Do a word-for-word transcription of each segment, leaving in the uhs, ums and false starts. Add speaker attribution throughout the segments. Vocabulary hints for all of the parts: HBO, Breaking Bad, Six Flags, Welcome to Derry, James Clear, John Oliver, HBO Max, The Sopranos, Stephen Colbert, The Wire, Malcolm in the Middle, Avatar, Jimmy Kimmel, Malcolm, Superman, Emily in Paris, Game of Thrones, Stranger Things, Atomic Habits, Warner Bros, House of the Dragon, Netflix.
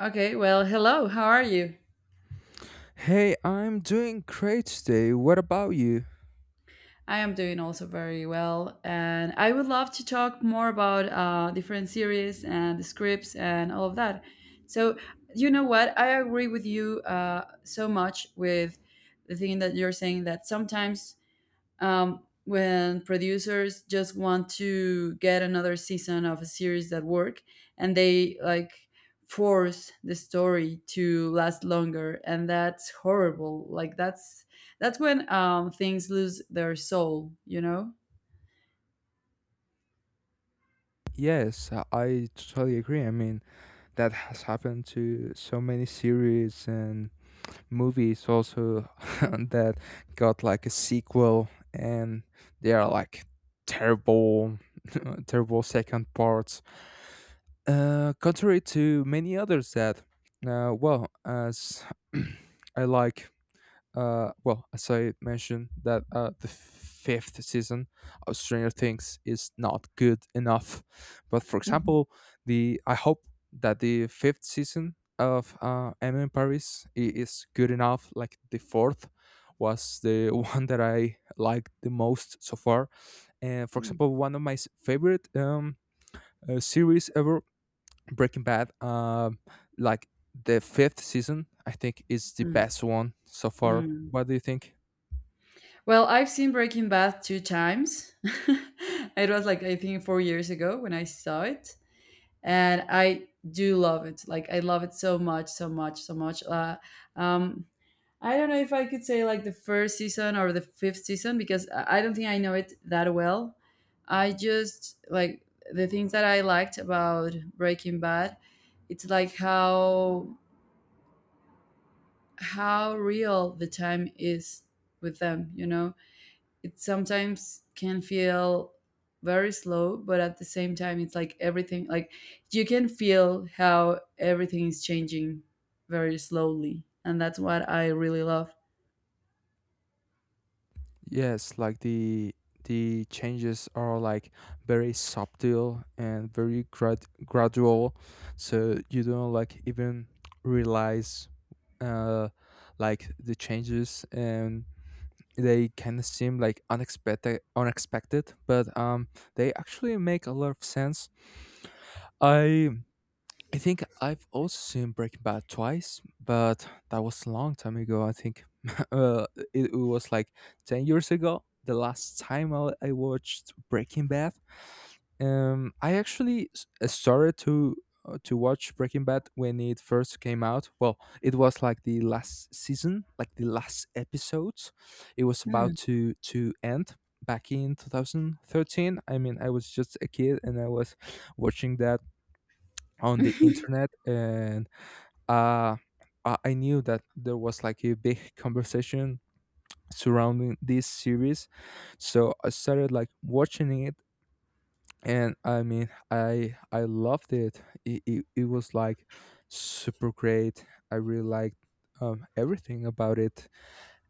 Speaker 1: Okay, well, hello, how are you?
Speaker 2: Hey, I'm doing great today. What about you?
Speaker 1: I am doing also very well, and I would love to talk more about uh, different series and the scripts and all of that. So, you know what? I agree with you uh, so much with the thing that you're saying that sometimes um, when producers just want to get another season of a series that work and they like force the story to last longer, and that's horrible, like that's that's when um, things lose their soul, you know.
Speaker 2: Yes, I I totally agree. I mean, that has happened to so many series and movies also that got like a sequel and they are like terrible, terrible second parts. Uh, contrary to many others that, uh, well, as I like Uh, well, as I mentioned, that uh, the fifth season of Stranger Things is not good enough. But for example, the I hope that the fifth season of uh, Emily in Paris i- is good enough. Like the fourth was the one that I liked the most so far. And for
Speaker 1: Mhm.
Speaker 2: example, one of my s- favorite um, uh, series ever, Breaking Bad. Um, like the fifth season, I think, is the
Speaker 1: Mm.
Speaker 2: best one so far.
Speaker 1: Mm.
Speaker 2: What do you think?
Speaker 1: Well, I've seen Breaking Bad two times. It was like I think four years ago when I saw it, and I do love it. Like I love it so much, so much, so much. Uh, um, I don't know if I could say like the first season or the fifth season because I I don't think I know it that well. I just like the things that I liked about Breaking Bad. It's like how how real the time is with them, you know it sometimes can feel very slow, but at the same time, it's like everything, like you can feel how everything is changing very slowly. And that's what I really love.
Speaker 2: Yes, like the the changes are like very subtle and very grad- gradual, so you don't like even realize uh like the changes and they kind of seem like unexpected unexpected but um they actually make a lot of sense. I I think I've also seen Breaking Bad twice, but that was a long time ago. I think uh, it, it was like ten years ago, the last time I, I watched Breaking Bad. Um, I actually s- uh, started to uh, to watch Breaking Bad when it first came out. Well, it was like the last season, like the last episodes. It was
Speaker 1: Mm,
Speaker 2: about to to end back in twenty thirteen. I mean, I was just a kid and I was watching that on the internet, and uh I I knew that there was like a big conversation surrounding this series, so I started like watching it, and I mean, I I loved it. It it, it was like super great. I really liked um, everything about it,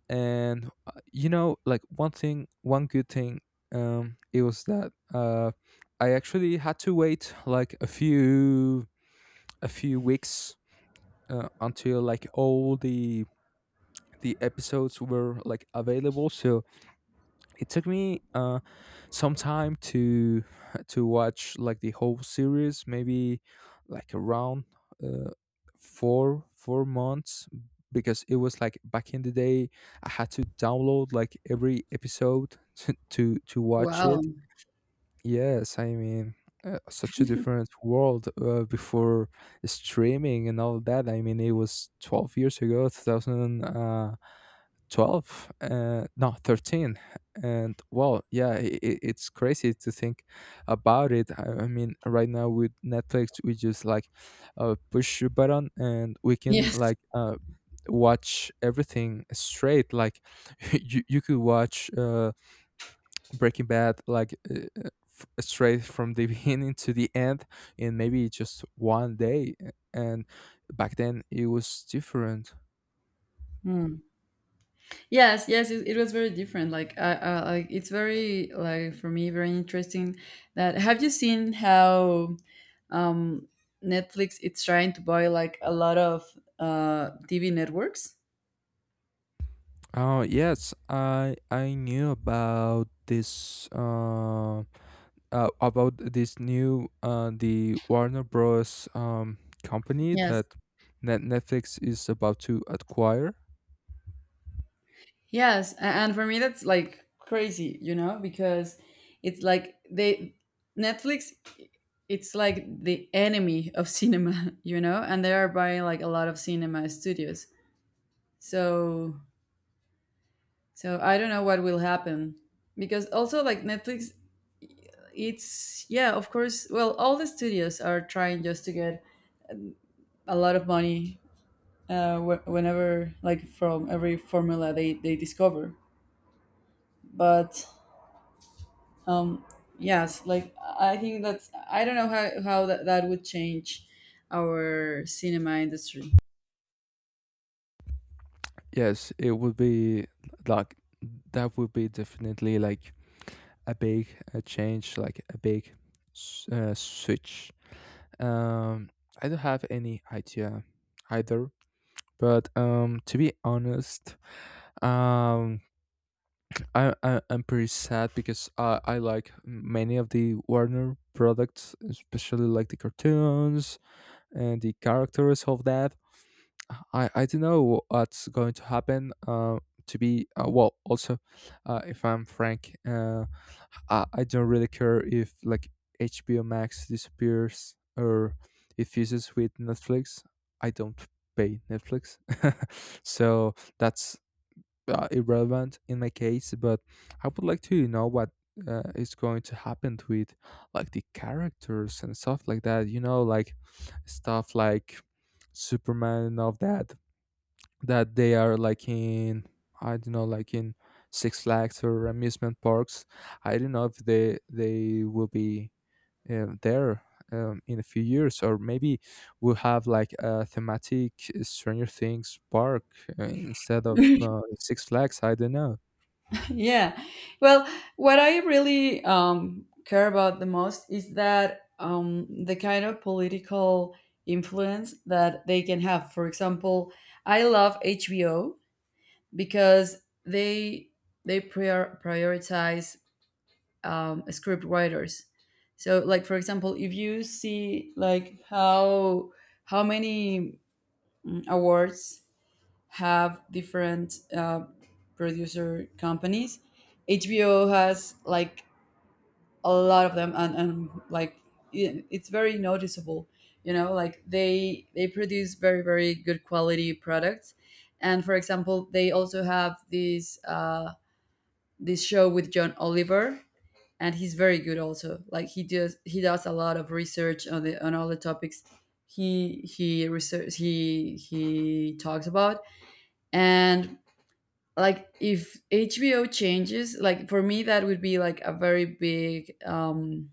Speaker 2: and uh, you know, like one thing, one good thing, um, it was that uh, I actually had to wait like a few a few weeks uh, until like all the the episodes were like available, so it took me uh some time to to watch like the whole series, maybe like around uh, four four months because it was like back in the day I had to download like every episode to to, to watch
Speaker 1: wow.
Speaker 2: it. Yes, I mean, uh, such a different world uh, before streaming and all that. I mean, it was twelve years ago, two thousand, uh. twelve uh, no thirteen. And well, yeah, i i- it's crazy to think about it. I I mean, right now with Netflix we just like uh, push a button and we can
Speaker 1: Yes.
Speaker 2: like uh, watch everything straight, like you, you could watch uh, Breaking Bad like uh, uh, f- straight from the beginning to the end in maybe just one day, uh, and back then it was different.
Speaker 1: Mm. Yes. Yes. It, it was very different. Like, I, I, like it's very like for me very interesting. That, have you seen how um, Netflix it's trying to buy like a lot of uh, T V networks?
Speaker 2: Oh yes, I I knew about this uh, uh about this new uh the Warner Bros um company
Speaker 1: Yes.
Speaker 2: that Net- Netflix is about to acquire.
Speaker 1: Yes, a- and for me that's like crazy, you know, because it's like they, Netflix, it's like the enemy of cinema, you know, and they are buying like a lot of cinema studios. So so I don't know what will happen, because also like Netflix it's, yeah, of course, well all the studios are trying just to get a lot of money uh wh- whenever like from every formula they they discover. But um yes, like I think that's, I don't know how, how that, that would change our cinema industry.
Speaker 2: Yes, it would be like that would be definitely like a big a change, like a big s- uh, switch. Um, I don't have any idea either, but um to be honest, um I, I I'm pretty sad because I I like many of the Warner products, especially like the cartoons and the characters of that. I I don't know what's going to happen. Uh, to be uh, well, also, uh, if I'm frank, uh, I I don't really care if like H B O Max disappears or it fuses with Netflix. I don't pay Netflix, so that's uh, irrelevant in my case, but I would like to know what uh, is going to happen with like the characters and stuff like that. You know, like stuff like Superman and all that. That they are like in I don't know, like in Six Flags or amusement parks. I don't know if they they will be uh, there um, in a few years, or maybe we'll have like a thematic Stranger Things park uh, instead of uh, Six Flags. I don't know.
Speaker 1: Yeah, well, what I really um care about the most is that, um, the kind of political influence that they can have. For example, I love HBO because they they prior- prioritize um, script writers. So, like for example, if you see like how how many mm, awards have different uh, producer companies, H B O has like a lot of them, and, and like it- it's very noticeable. You know, like they they produce very very good quality products, and for example, they also have this uh, this show with John Oliver, and he's very good also. Like he does he does a lot of research on the on all the topics he he research he he talks about. And like if HBO changes, like for me that would be like a very big um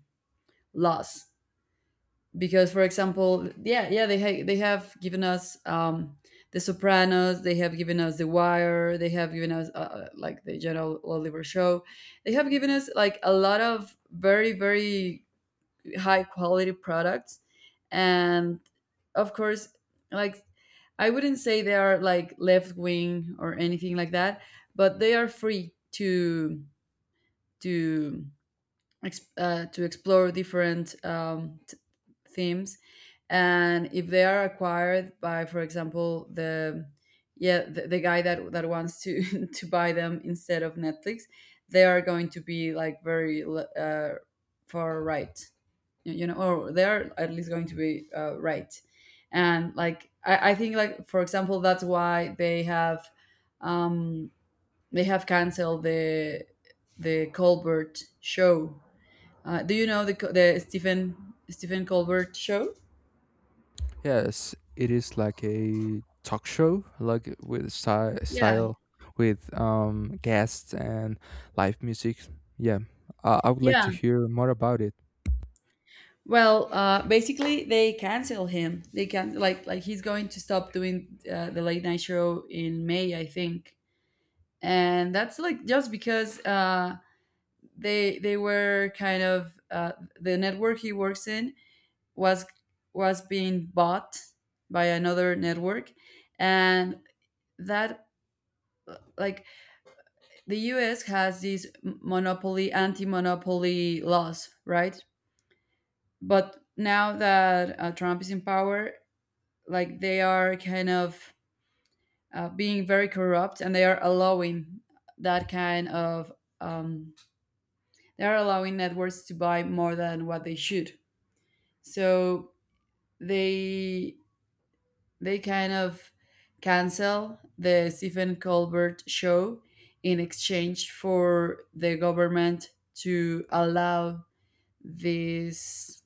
Speaker 1: loss because, for example, yeah, yeah, they ha- they have given us um The Sopranos, they have given us The Wire, they have given us uh, uh, like the general Oliver show, they have given us like a lot of very very high quality products. And of course, like I wouldn't say they are like left wing or anything like that, but they are free to to ex- uh, to explore different um, t- themes. And if they are acquired by, for example, the yeah, the, the guy that that wants to to buy them instead of Netflix, they are going to be like very le- uh, far right, y- you know, or they're at least going to be uh, right. And like I, I think like for example that's why they have um they have canceled the the Colbert show. Uh, do you know the Co- the stephen stephen Colbert show?
Speaker 2: Yes, it is like a talk show, like with style,
Speaker 1: Yeah,
Speaker 2: style with um, guests and live music. Yeah, I I would like to
Speaker 1: yeah,
Speaker 2: hear more about it.
Speaker 1: well uh basically they cancel him. They can, like like he's going to stop doing uh, the late night show in May I think. And that's like just because uh they they were kind of uh, the network he works in was was being bought by another network, and that like the U S has these monopoly anti-monopoly laws, right? But now that uh, Trump is in power, like they are kind of uh, being very corrupt, and they are allowing that kind of um, they are allowing networks to buy more than what they should. So they they kind of cancel the Stephen Colbert show in exchange for the government to allow this,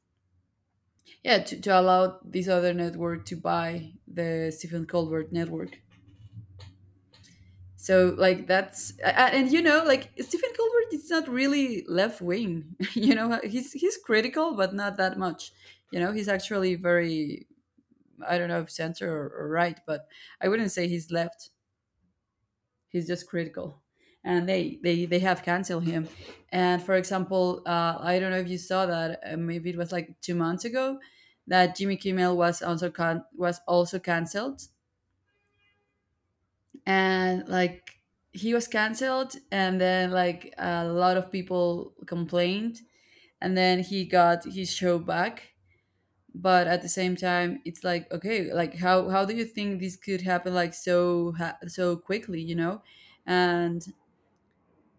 Speaker 1: yeah, to, to allow this other network to buy the Stephen Colbert network. So like that's a- and you know like Stephen Colbert is not really left wing. You know he's he's critical but not that much. You know he's actually very, I don't know, if center or, or right, but I wouldn't say he's left. He's just critical, and they they they have canceled him. And for example, uh, I don't know if you saw that. Uh, maybe it was like two months ago that Jimmy Kimmel was also can- was also canceled, and like he was canceled, and then like a lot of people complained, and then he got his show back. But at the same time, it's like okay, like how how do you think this could happen like so ha- so quickly, you know? and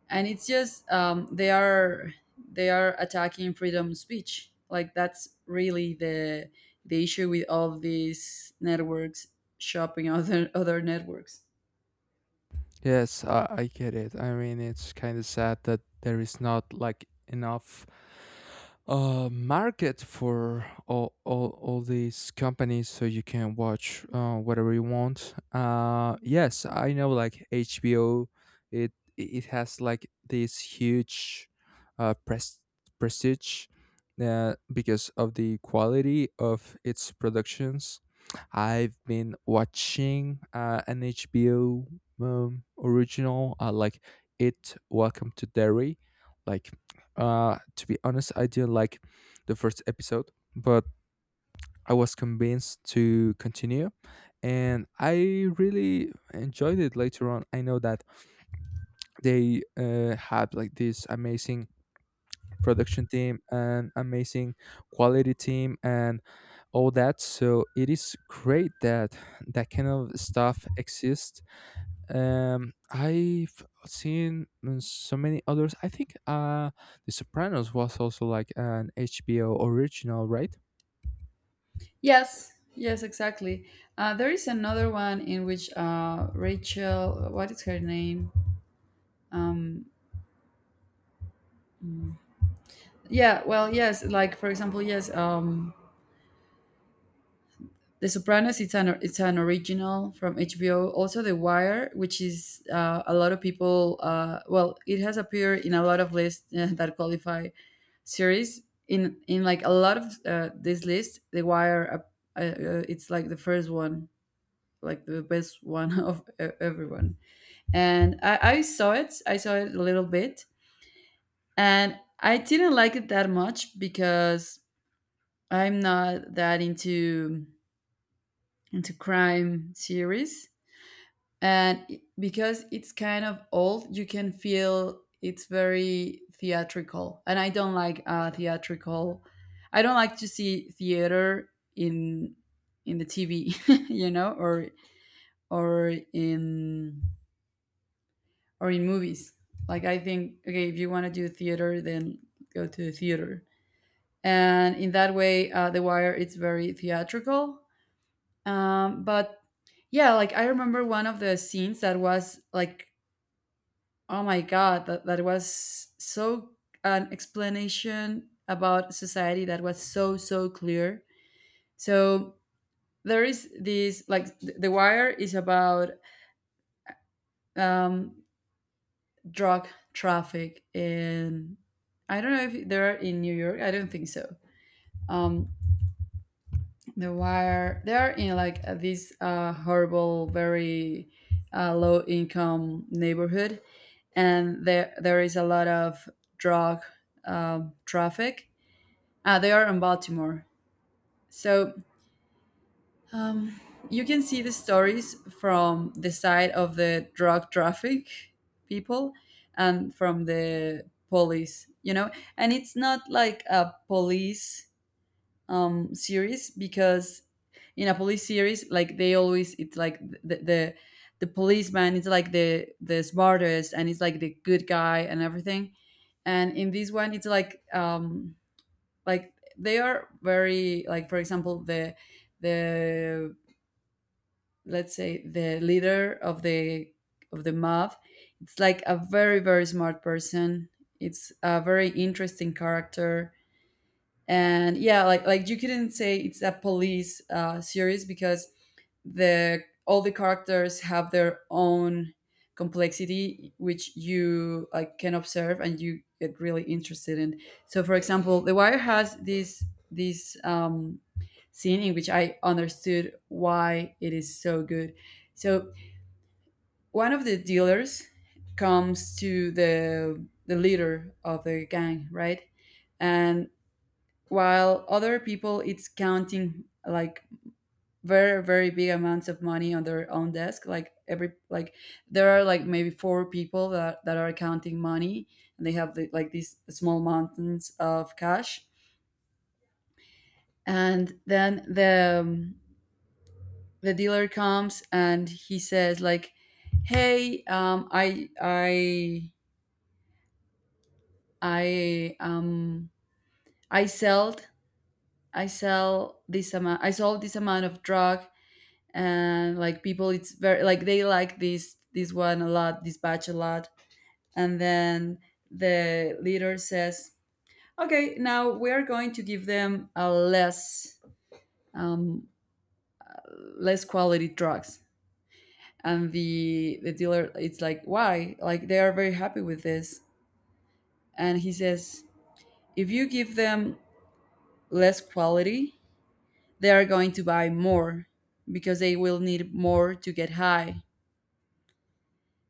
Speaker 1: and it's just um they are they are attacking freedom of speech. Like that's really the the issue with all these networks shopping other other networks.
Speaker 2: Yes, I, I get it. I mean, it's kind of sad that there is not like enough uh market for all all, all these companies so you can watch uh, whatever you want. Uh yes, I know like H B O it it has like this huge uh pres- prestige uh, because of the quality of its productions. I've been watching uh, an H B O um, original. I like it, Welcome to Derry. Like, uh to be honest, I didn't like the first episode, but I was convinced to continue, and I really enjoyed it later on. I know that they uh, had like this amazing production team and amazing quality team and all that, so it is great that that kind of stuff exists. um, I've seen mm, so many others. I think uh, The Sopranos was also like an H B O original, right?
Speaker 1: Yes, yes, exactly. Uh, there is another one in which uh Rachel, what is her name? um yeah, well, yes, like for example, yes, um, The Sopranos, it's an it's an original from H B O. Also, The Wire, which is uh, a lot of people. Uh, well, it has appeared in a lot of lists uh, that qualify series. In in like a lot of uh, this list, The Wire, uh, uh, it's like the first one, like the best one of e- everyone. And I, I saw it. I saw it a little bit, and I didn't like it that much because I'm not that into into crime series. And i- because it's kind of old, you can feel it's very theatrical, and I don't like uh theatrical, I don't like to see theater in in the TV, you know, or or in or in movies. Like I think okay, if you want to do theater, then go to the theater. And in that way uh, The Wire it's very theatrical. Um, but yeah, like I remember one of the scenes that was like, oh my God, that, that was so an explanation about society that was so, so clear. So there is this, like, th- The Wire is about um, drug traffic, and I don't know if they're in New York. I don't think so. Um, the Wire, they're in like uh, this uh, horrible, very uh, low income neighborhood. And there, there is a lot of drug um, traffic. Uh, they are in Baltimore. So, um, you can see the stories from the side of the drug traffic people and from the police, you know? And it's not like a police um, series because in a police series, like they always, it's like the, the, the policeman is like the, the smartest, and it's like the good guy and everything. And in this one, it's like, um, like they are very, like for example the the let's say the leader of the of the mob, it's like a very very smart person, it's a very interesting character. And yeah, like like you couldn't say it's a police uh, series, because the all the characters have their own complexity, which you like can observe, and you get really interested in. So for example, The Wire has this this um, scene in which I understood why it is so good. So one of the dealers comes to the the leader of the gang, right? And while other people it's counting like very very big amounts of money on their own desk, like every, like there are like maybe four people that, that are counting money, and they have the, like these small mountains of cash. And then the um, the dealer comes and he says like, hey um i i i um I sold, i sell this amount I sold this amount of drug, and like people it's very like, they like this this one a lot, this batch a lot. And then the leader says, okay, now we are going to give them a less um, less quality drugs. And the the dealer it's like, why? Like they are very happy with this. And he says, if you give them less quality, they are going to buy more because they will need more to get high.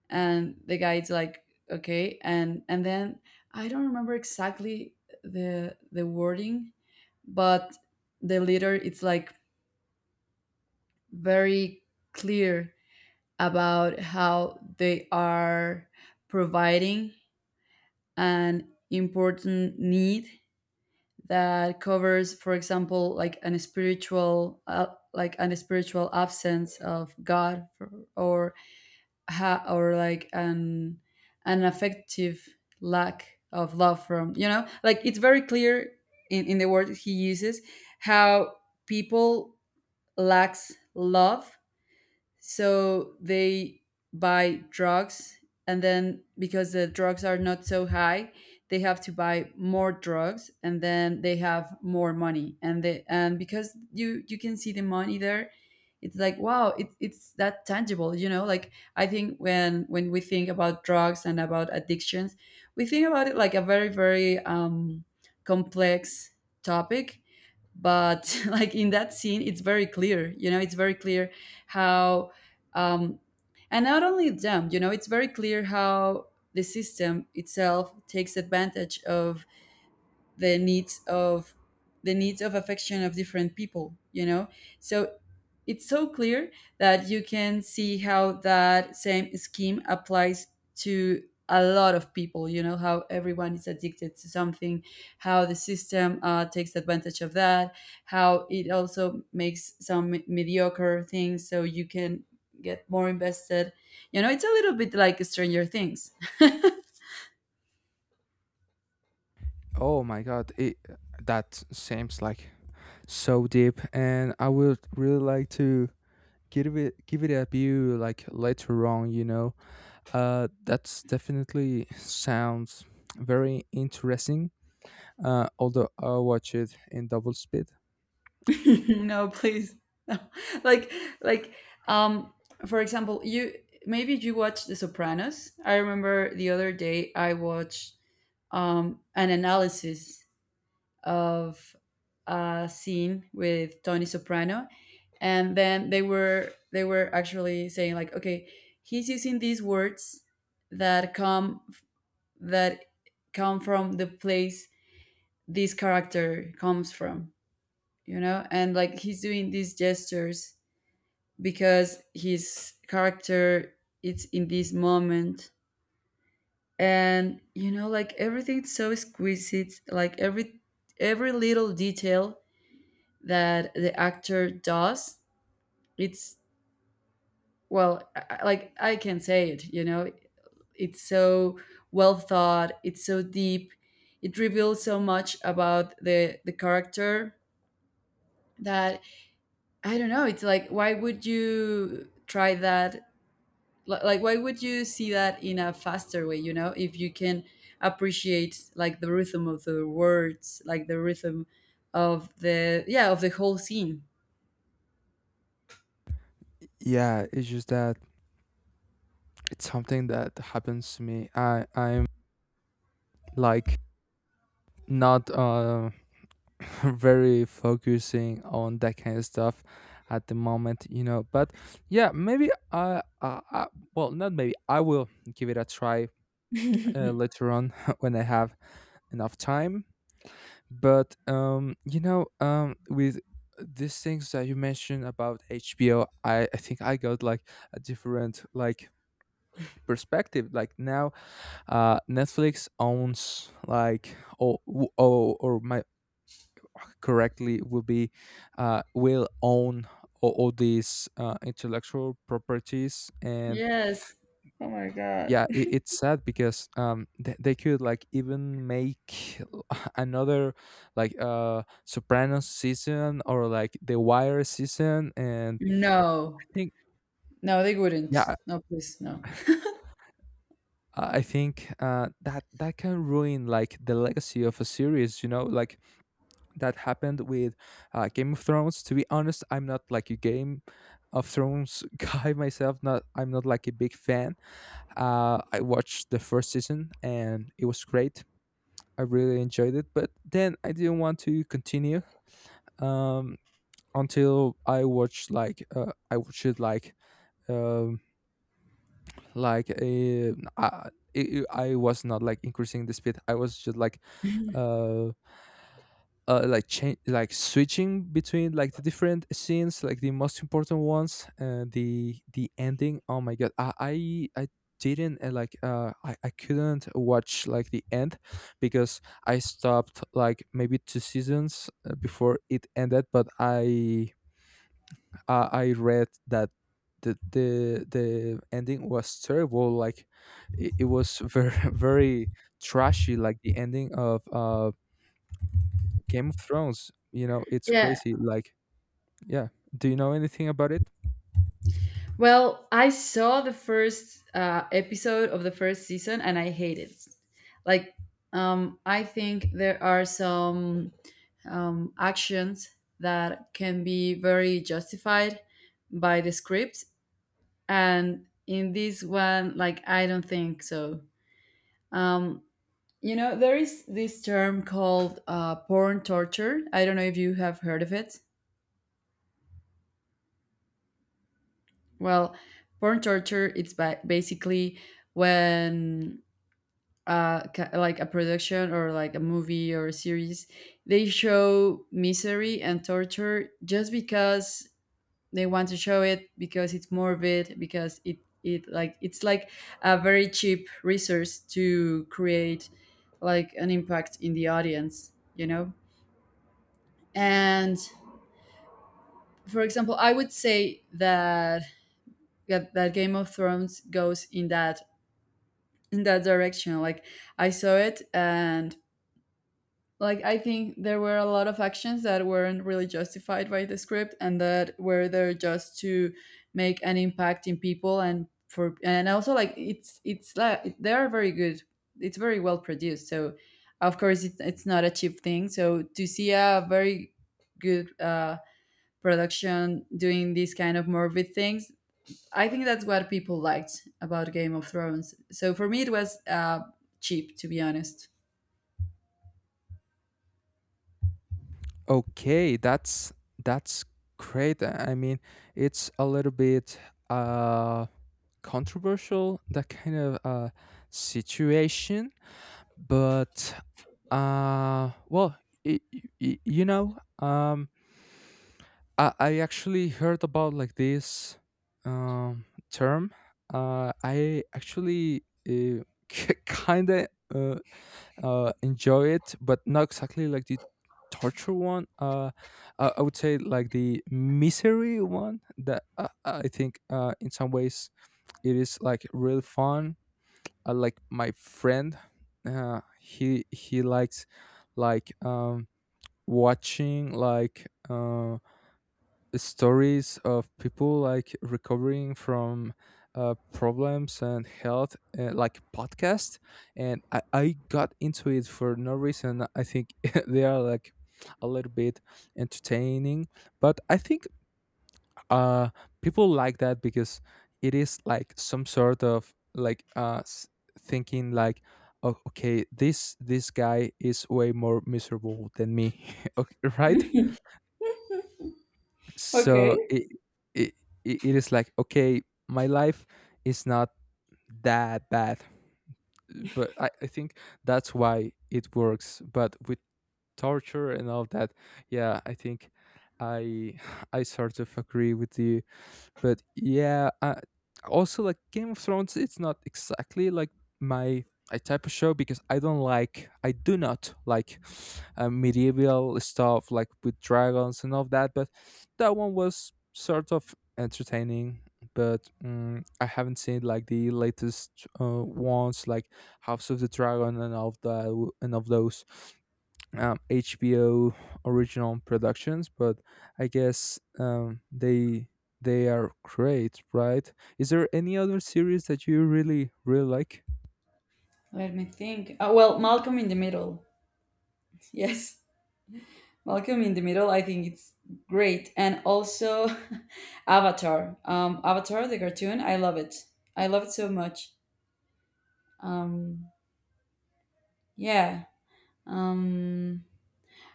Speaker 1: And the guy's like, okay. and and then I don't remember exactly the the wording, but the leader it's like very clear about how they are providing an important need that covers, for example Like an spiritual uh, like an spiritual absence of God, or ha- or like an an affective lack of love from you know like it's very clear in, in the word he uses how people lacks love, so they buy drugs. And then because the drugs are not so high, they have to buy more drugs, and then they have more money and they, and because you you can see the money there, it's like, wow, it, it's that tangible. You know like, I think when when we think about drugs and about addictions, we think about it like a very very um complex topic. But like in that scene, it's very clear, you know, it's very clear how, um and not only them, you know, it's very clear how the system itself takes advantage of the needs of, the needs of affection of different people, you know. So it's so clear that you can see how that same scheme applies to a lot of people. You know, how everyone is addicted to something, how the system uh, takes advantage of that, how it also makes some me- mediocre things so you can get more invested. You know, it's a little bit like Stranger Things.
Speaker 2: Oh my god, it, that seems like so deep, and I would really like to give it give it a view like later on. You know, uh, that's definitely sounds very interesting. Uh, although I'll watch it in double speed.
Speaker 1: No, please. No. Like like um for example, you maybe you watch The Sopranos. I remember the other day I watched um an analysis of a scene with Tony Soprano, and then they were, they were actually saying like, okay, he's using these words that come, that come from the place this character comes from, you know? And like he's doing these gestures because his character is in this moment. And you know, like, everything's so exquisite, like every every little detail that the actor does, it's, well, I, I- like I can say it, you know, it's so well thought, it's so deep. It reveals so much about the the character that I don't know, it's like, why would you try that? Li- like, why would you see that in a faster way, you know, if you can appreciate like the rhythm of the words, like the rhythm of the, yeah, of the whole scene.
Speaker 2: Yeah, it's just that it's something that happens to me. I I like not uh, very focusing on that kind of stuff at the moment, you know, but yeah, maybe I, I, I well not maybe I will give it a try uh, later on when I have enough time. But um you know, um with these things that you mentioned about HBO, i i think I got like a different like perspective. Like, now uh Netflix owns like or or, or my correctly will be uh, will own all, all these uh, intellectual properties and
Speaker 1: Yes.
Speaker 2: yeah, it, it's sad because um they, they could like even make another like uh Sopranos season or like The Wire season. And
Speaker 1: No,
Speaker 2: I think,
Speaker 1: no they wouldn't,
Speaker 2: yeah, i
Speaker 1: no please no.
Speaker 2: I think uh that that can ruin like the legacy of a series, you know, like that happened with uh, Game of Thrones. To be honest, I'm not like a Game of Thrones guy myself. Not I'm not like a big fan. Uh, I watched the first season and it was great. I really enjoyed it, but then I didn't want to continue, um, until I watched like uh, I watched it like um, like a. I, I I was not like increasing the speed. I was just like uh, uh, like change like switching between like the different scenes, like the most important ones and the the ending. Oh my god, i i, I didn't uh, like uh I, I couldn't watch like the end because I stopped like maybe two seasons uh, before it ended, but i uh, I read that the, the the ending was terrible. Like, it, it was very very trashy, like the ending of uh Game of Thrones, you know, it's
Speaker 1: Yeah.
Speaker 2: crazy. Like, yeah. Do you know anything about it?
Speaker 1: Well, I saw the first uh, episode of the first season and I hated it. Like, um I think there are some um, actions that can be very justified by the scripts, and in this one, like, I don't think so. um, you know, there is this term called uh, porn torture. I don't know if you have heard of it. Well, porn torture, it's ba- basically when uh, ca- like a production or like a movie or a series, they show misery and torture just because they want to show it, because it's morbid, because it, it like it's like a very cheap resource to create like an impact in the audience, you know. And for example, I would say that that, that Game of Thrones goes in that, in that direction. Like, I saw it, and like, I think there were a lot of actions that weren't really justified by the script and that were there just to make an impact in people. And for, and also, like, it's it's like they are very good. It's very well produced. So, of course, it's it's not a cheap thing. So to see a very good uh, production doing these kind of morbid things, I think that's what people liked about Game of Thrones. So for me, it was uh, cheap, to be honest.
Speaker 2: Okay, that's that's great. I mean, it's a little bit uh controversial that kind of uh situation, but uh well, y y y- you know, um I, I actually heard about like this um, term. Uh, I actually uh, kind of uh, uh, enjoy it, but not exactly like the torture one. Uh, I, I would say like the misery one, that I, I think uh, in some ways it is like real fun. Uh, like my friend, uh, he he likes like um, watching like. Uh, stories of people like recovering from uh, problems and health, uh, like podcast. And I, I got into it for no reason. I think they are like a little bit entertaining, but I think uh people like that because it is like some sort of like uh s- thinking like oh, okay, this this guy is way more miserable than me. Okay, right,
Speaker 1: Okay.
Speaker 2: so it it it it is like okay, my life is not that bad. But I, I think that's why it works. But with torture and all that, yeah, I think I I sort of agree with you. But yeah, I, also like Game of Thrones, it's not exactly like my a type of show because I don't like, I do not like uh, medieval stuff like with dragons and all that. But that one was sort of entertaining. But mm I haven't seen like the latest uh, ones, like House of the Dragon and all of the and of those um, H B O original productions, but I guess um, they they are great, right? Is there any other series that you really really like?
Speaker 1: Let me think. Oh, well, Malcolm in the Middle. Yes, Malcolm in the Middle. I think it's great. And also Avatar. Um, Avatar the cartoon. I love it. I love it so much. Um, yeah. Um,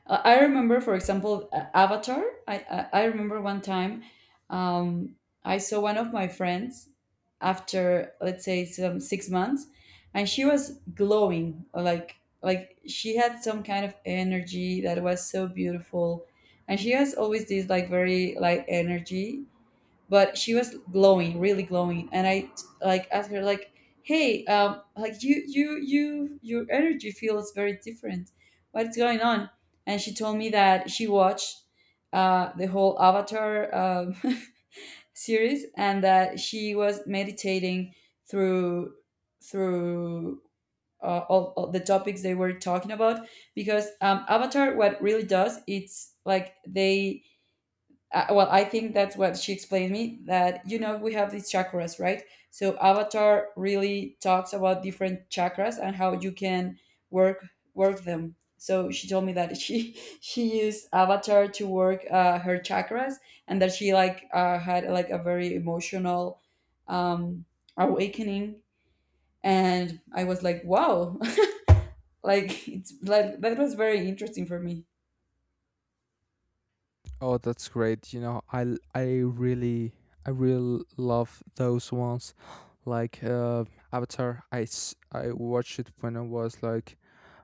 Speaker 1: I I remember, for example, uh, Avatar. I, I, I remember one time, um, I saw one of my friends after, let's say, some six months, and she was glowing, like like she had some kind of energy that was so beautiful. And she has always this like very light energy, but she was glowing, really glowing. And I like asked her like, hey, um like, you you you your energy feels very different, what's going on? And she told me that she watched uh, the whole Avatar, um, series, and that she was meditating through, through uh, all, all the topics they were talking about. Because um, Avatar, what really does, it's like they, uh, well, I think that's what she explained me, that, you know, we have these chakras, right? So Avatar really talks about different chakras and how you can work, work them. So she told me that she she used Avatar to work uh, her chakras, and that she like uh, had like a very emotional um, awakening. And I was like, wow, like, it's like, that was very interesting for me.
Speaker 2: Oh, that's great. You know, I l- I really I really love those ones, like uh, Avatar. I s- I watched it when I was like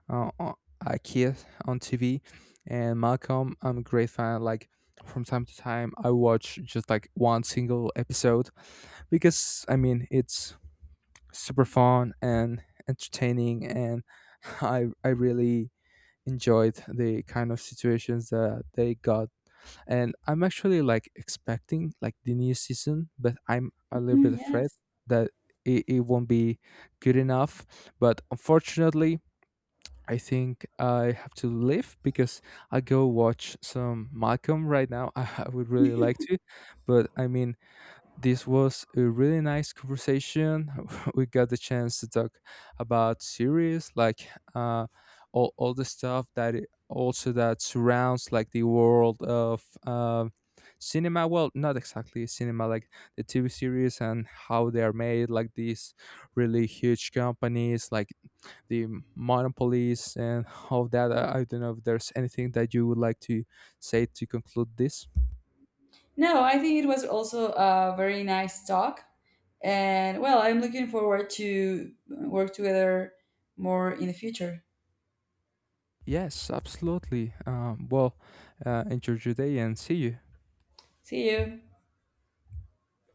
Speaker 2: uh, on Ikea on T V, and Malcolm. I'm a great fan. Like from time to time, I watch just like one single episode because I mean it's super fun and entertaining, and I I really enjoyed the kind of situations that they got. And I'm actually like expecting like the new season, but I'm a little
Speaker 1: Mm,
Speaker 2: bit
Speaker 1: yeah.
Speaker 2: afraid that it, it won't be good enough. But unfortunately I think I have to leave because I go watch some Malcolm right now. I would really like to, but I mean, this was a really nice conversation. We got the chance to talk about series, like uh, all all the stuff that it- also that surrounds like the world of um cinema. Well, not exactly cinema, like the T V series and how they are made, like these really huge companies, like the monopolies and all that. I, I don't know if there's anything that you would like to say to conclude this.
Speaker 1: No, I think it was also a very nice talk. And well, I'm looking forward to work together more in the future.
Speaker 2: Yes, absolutely. Um, well, uh, enjoy your day and see you.
Speaker 1: See you.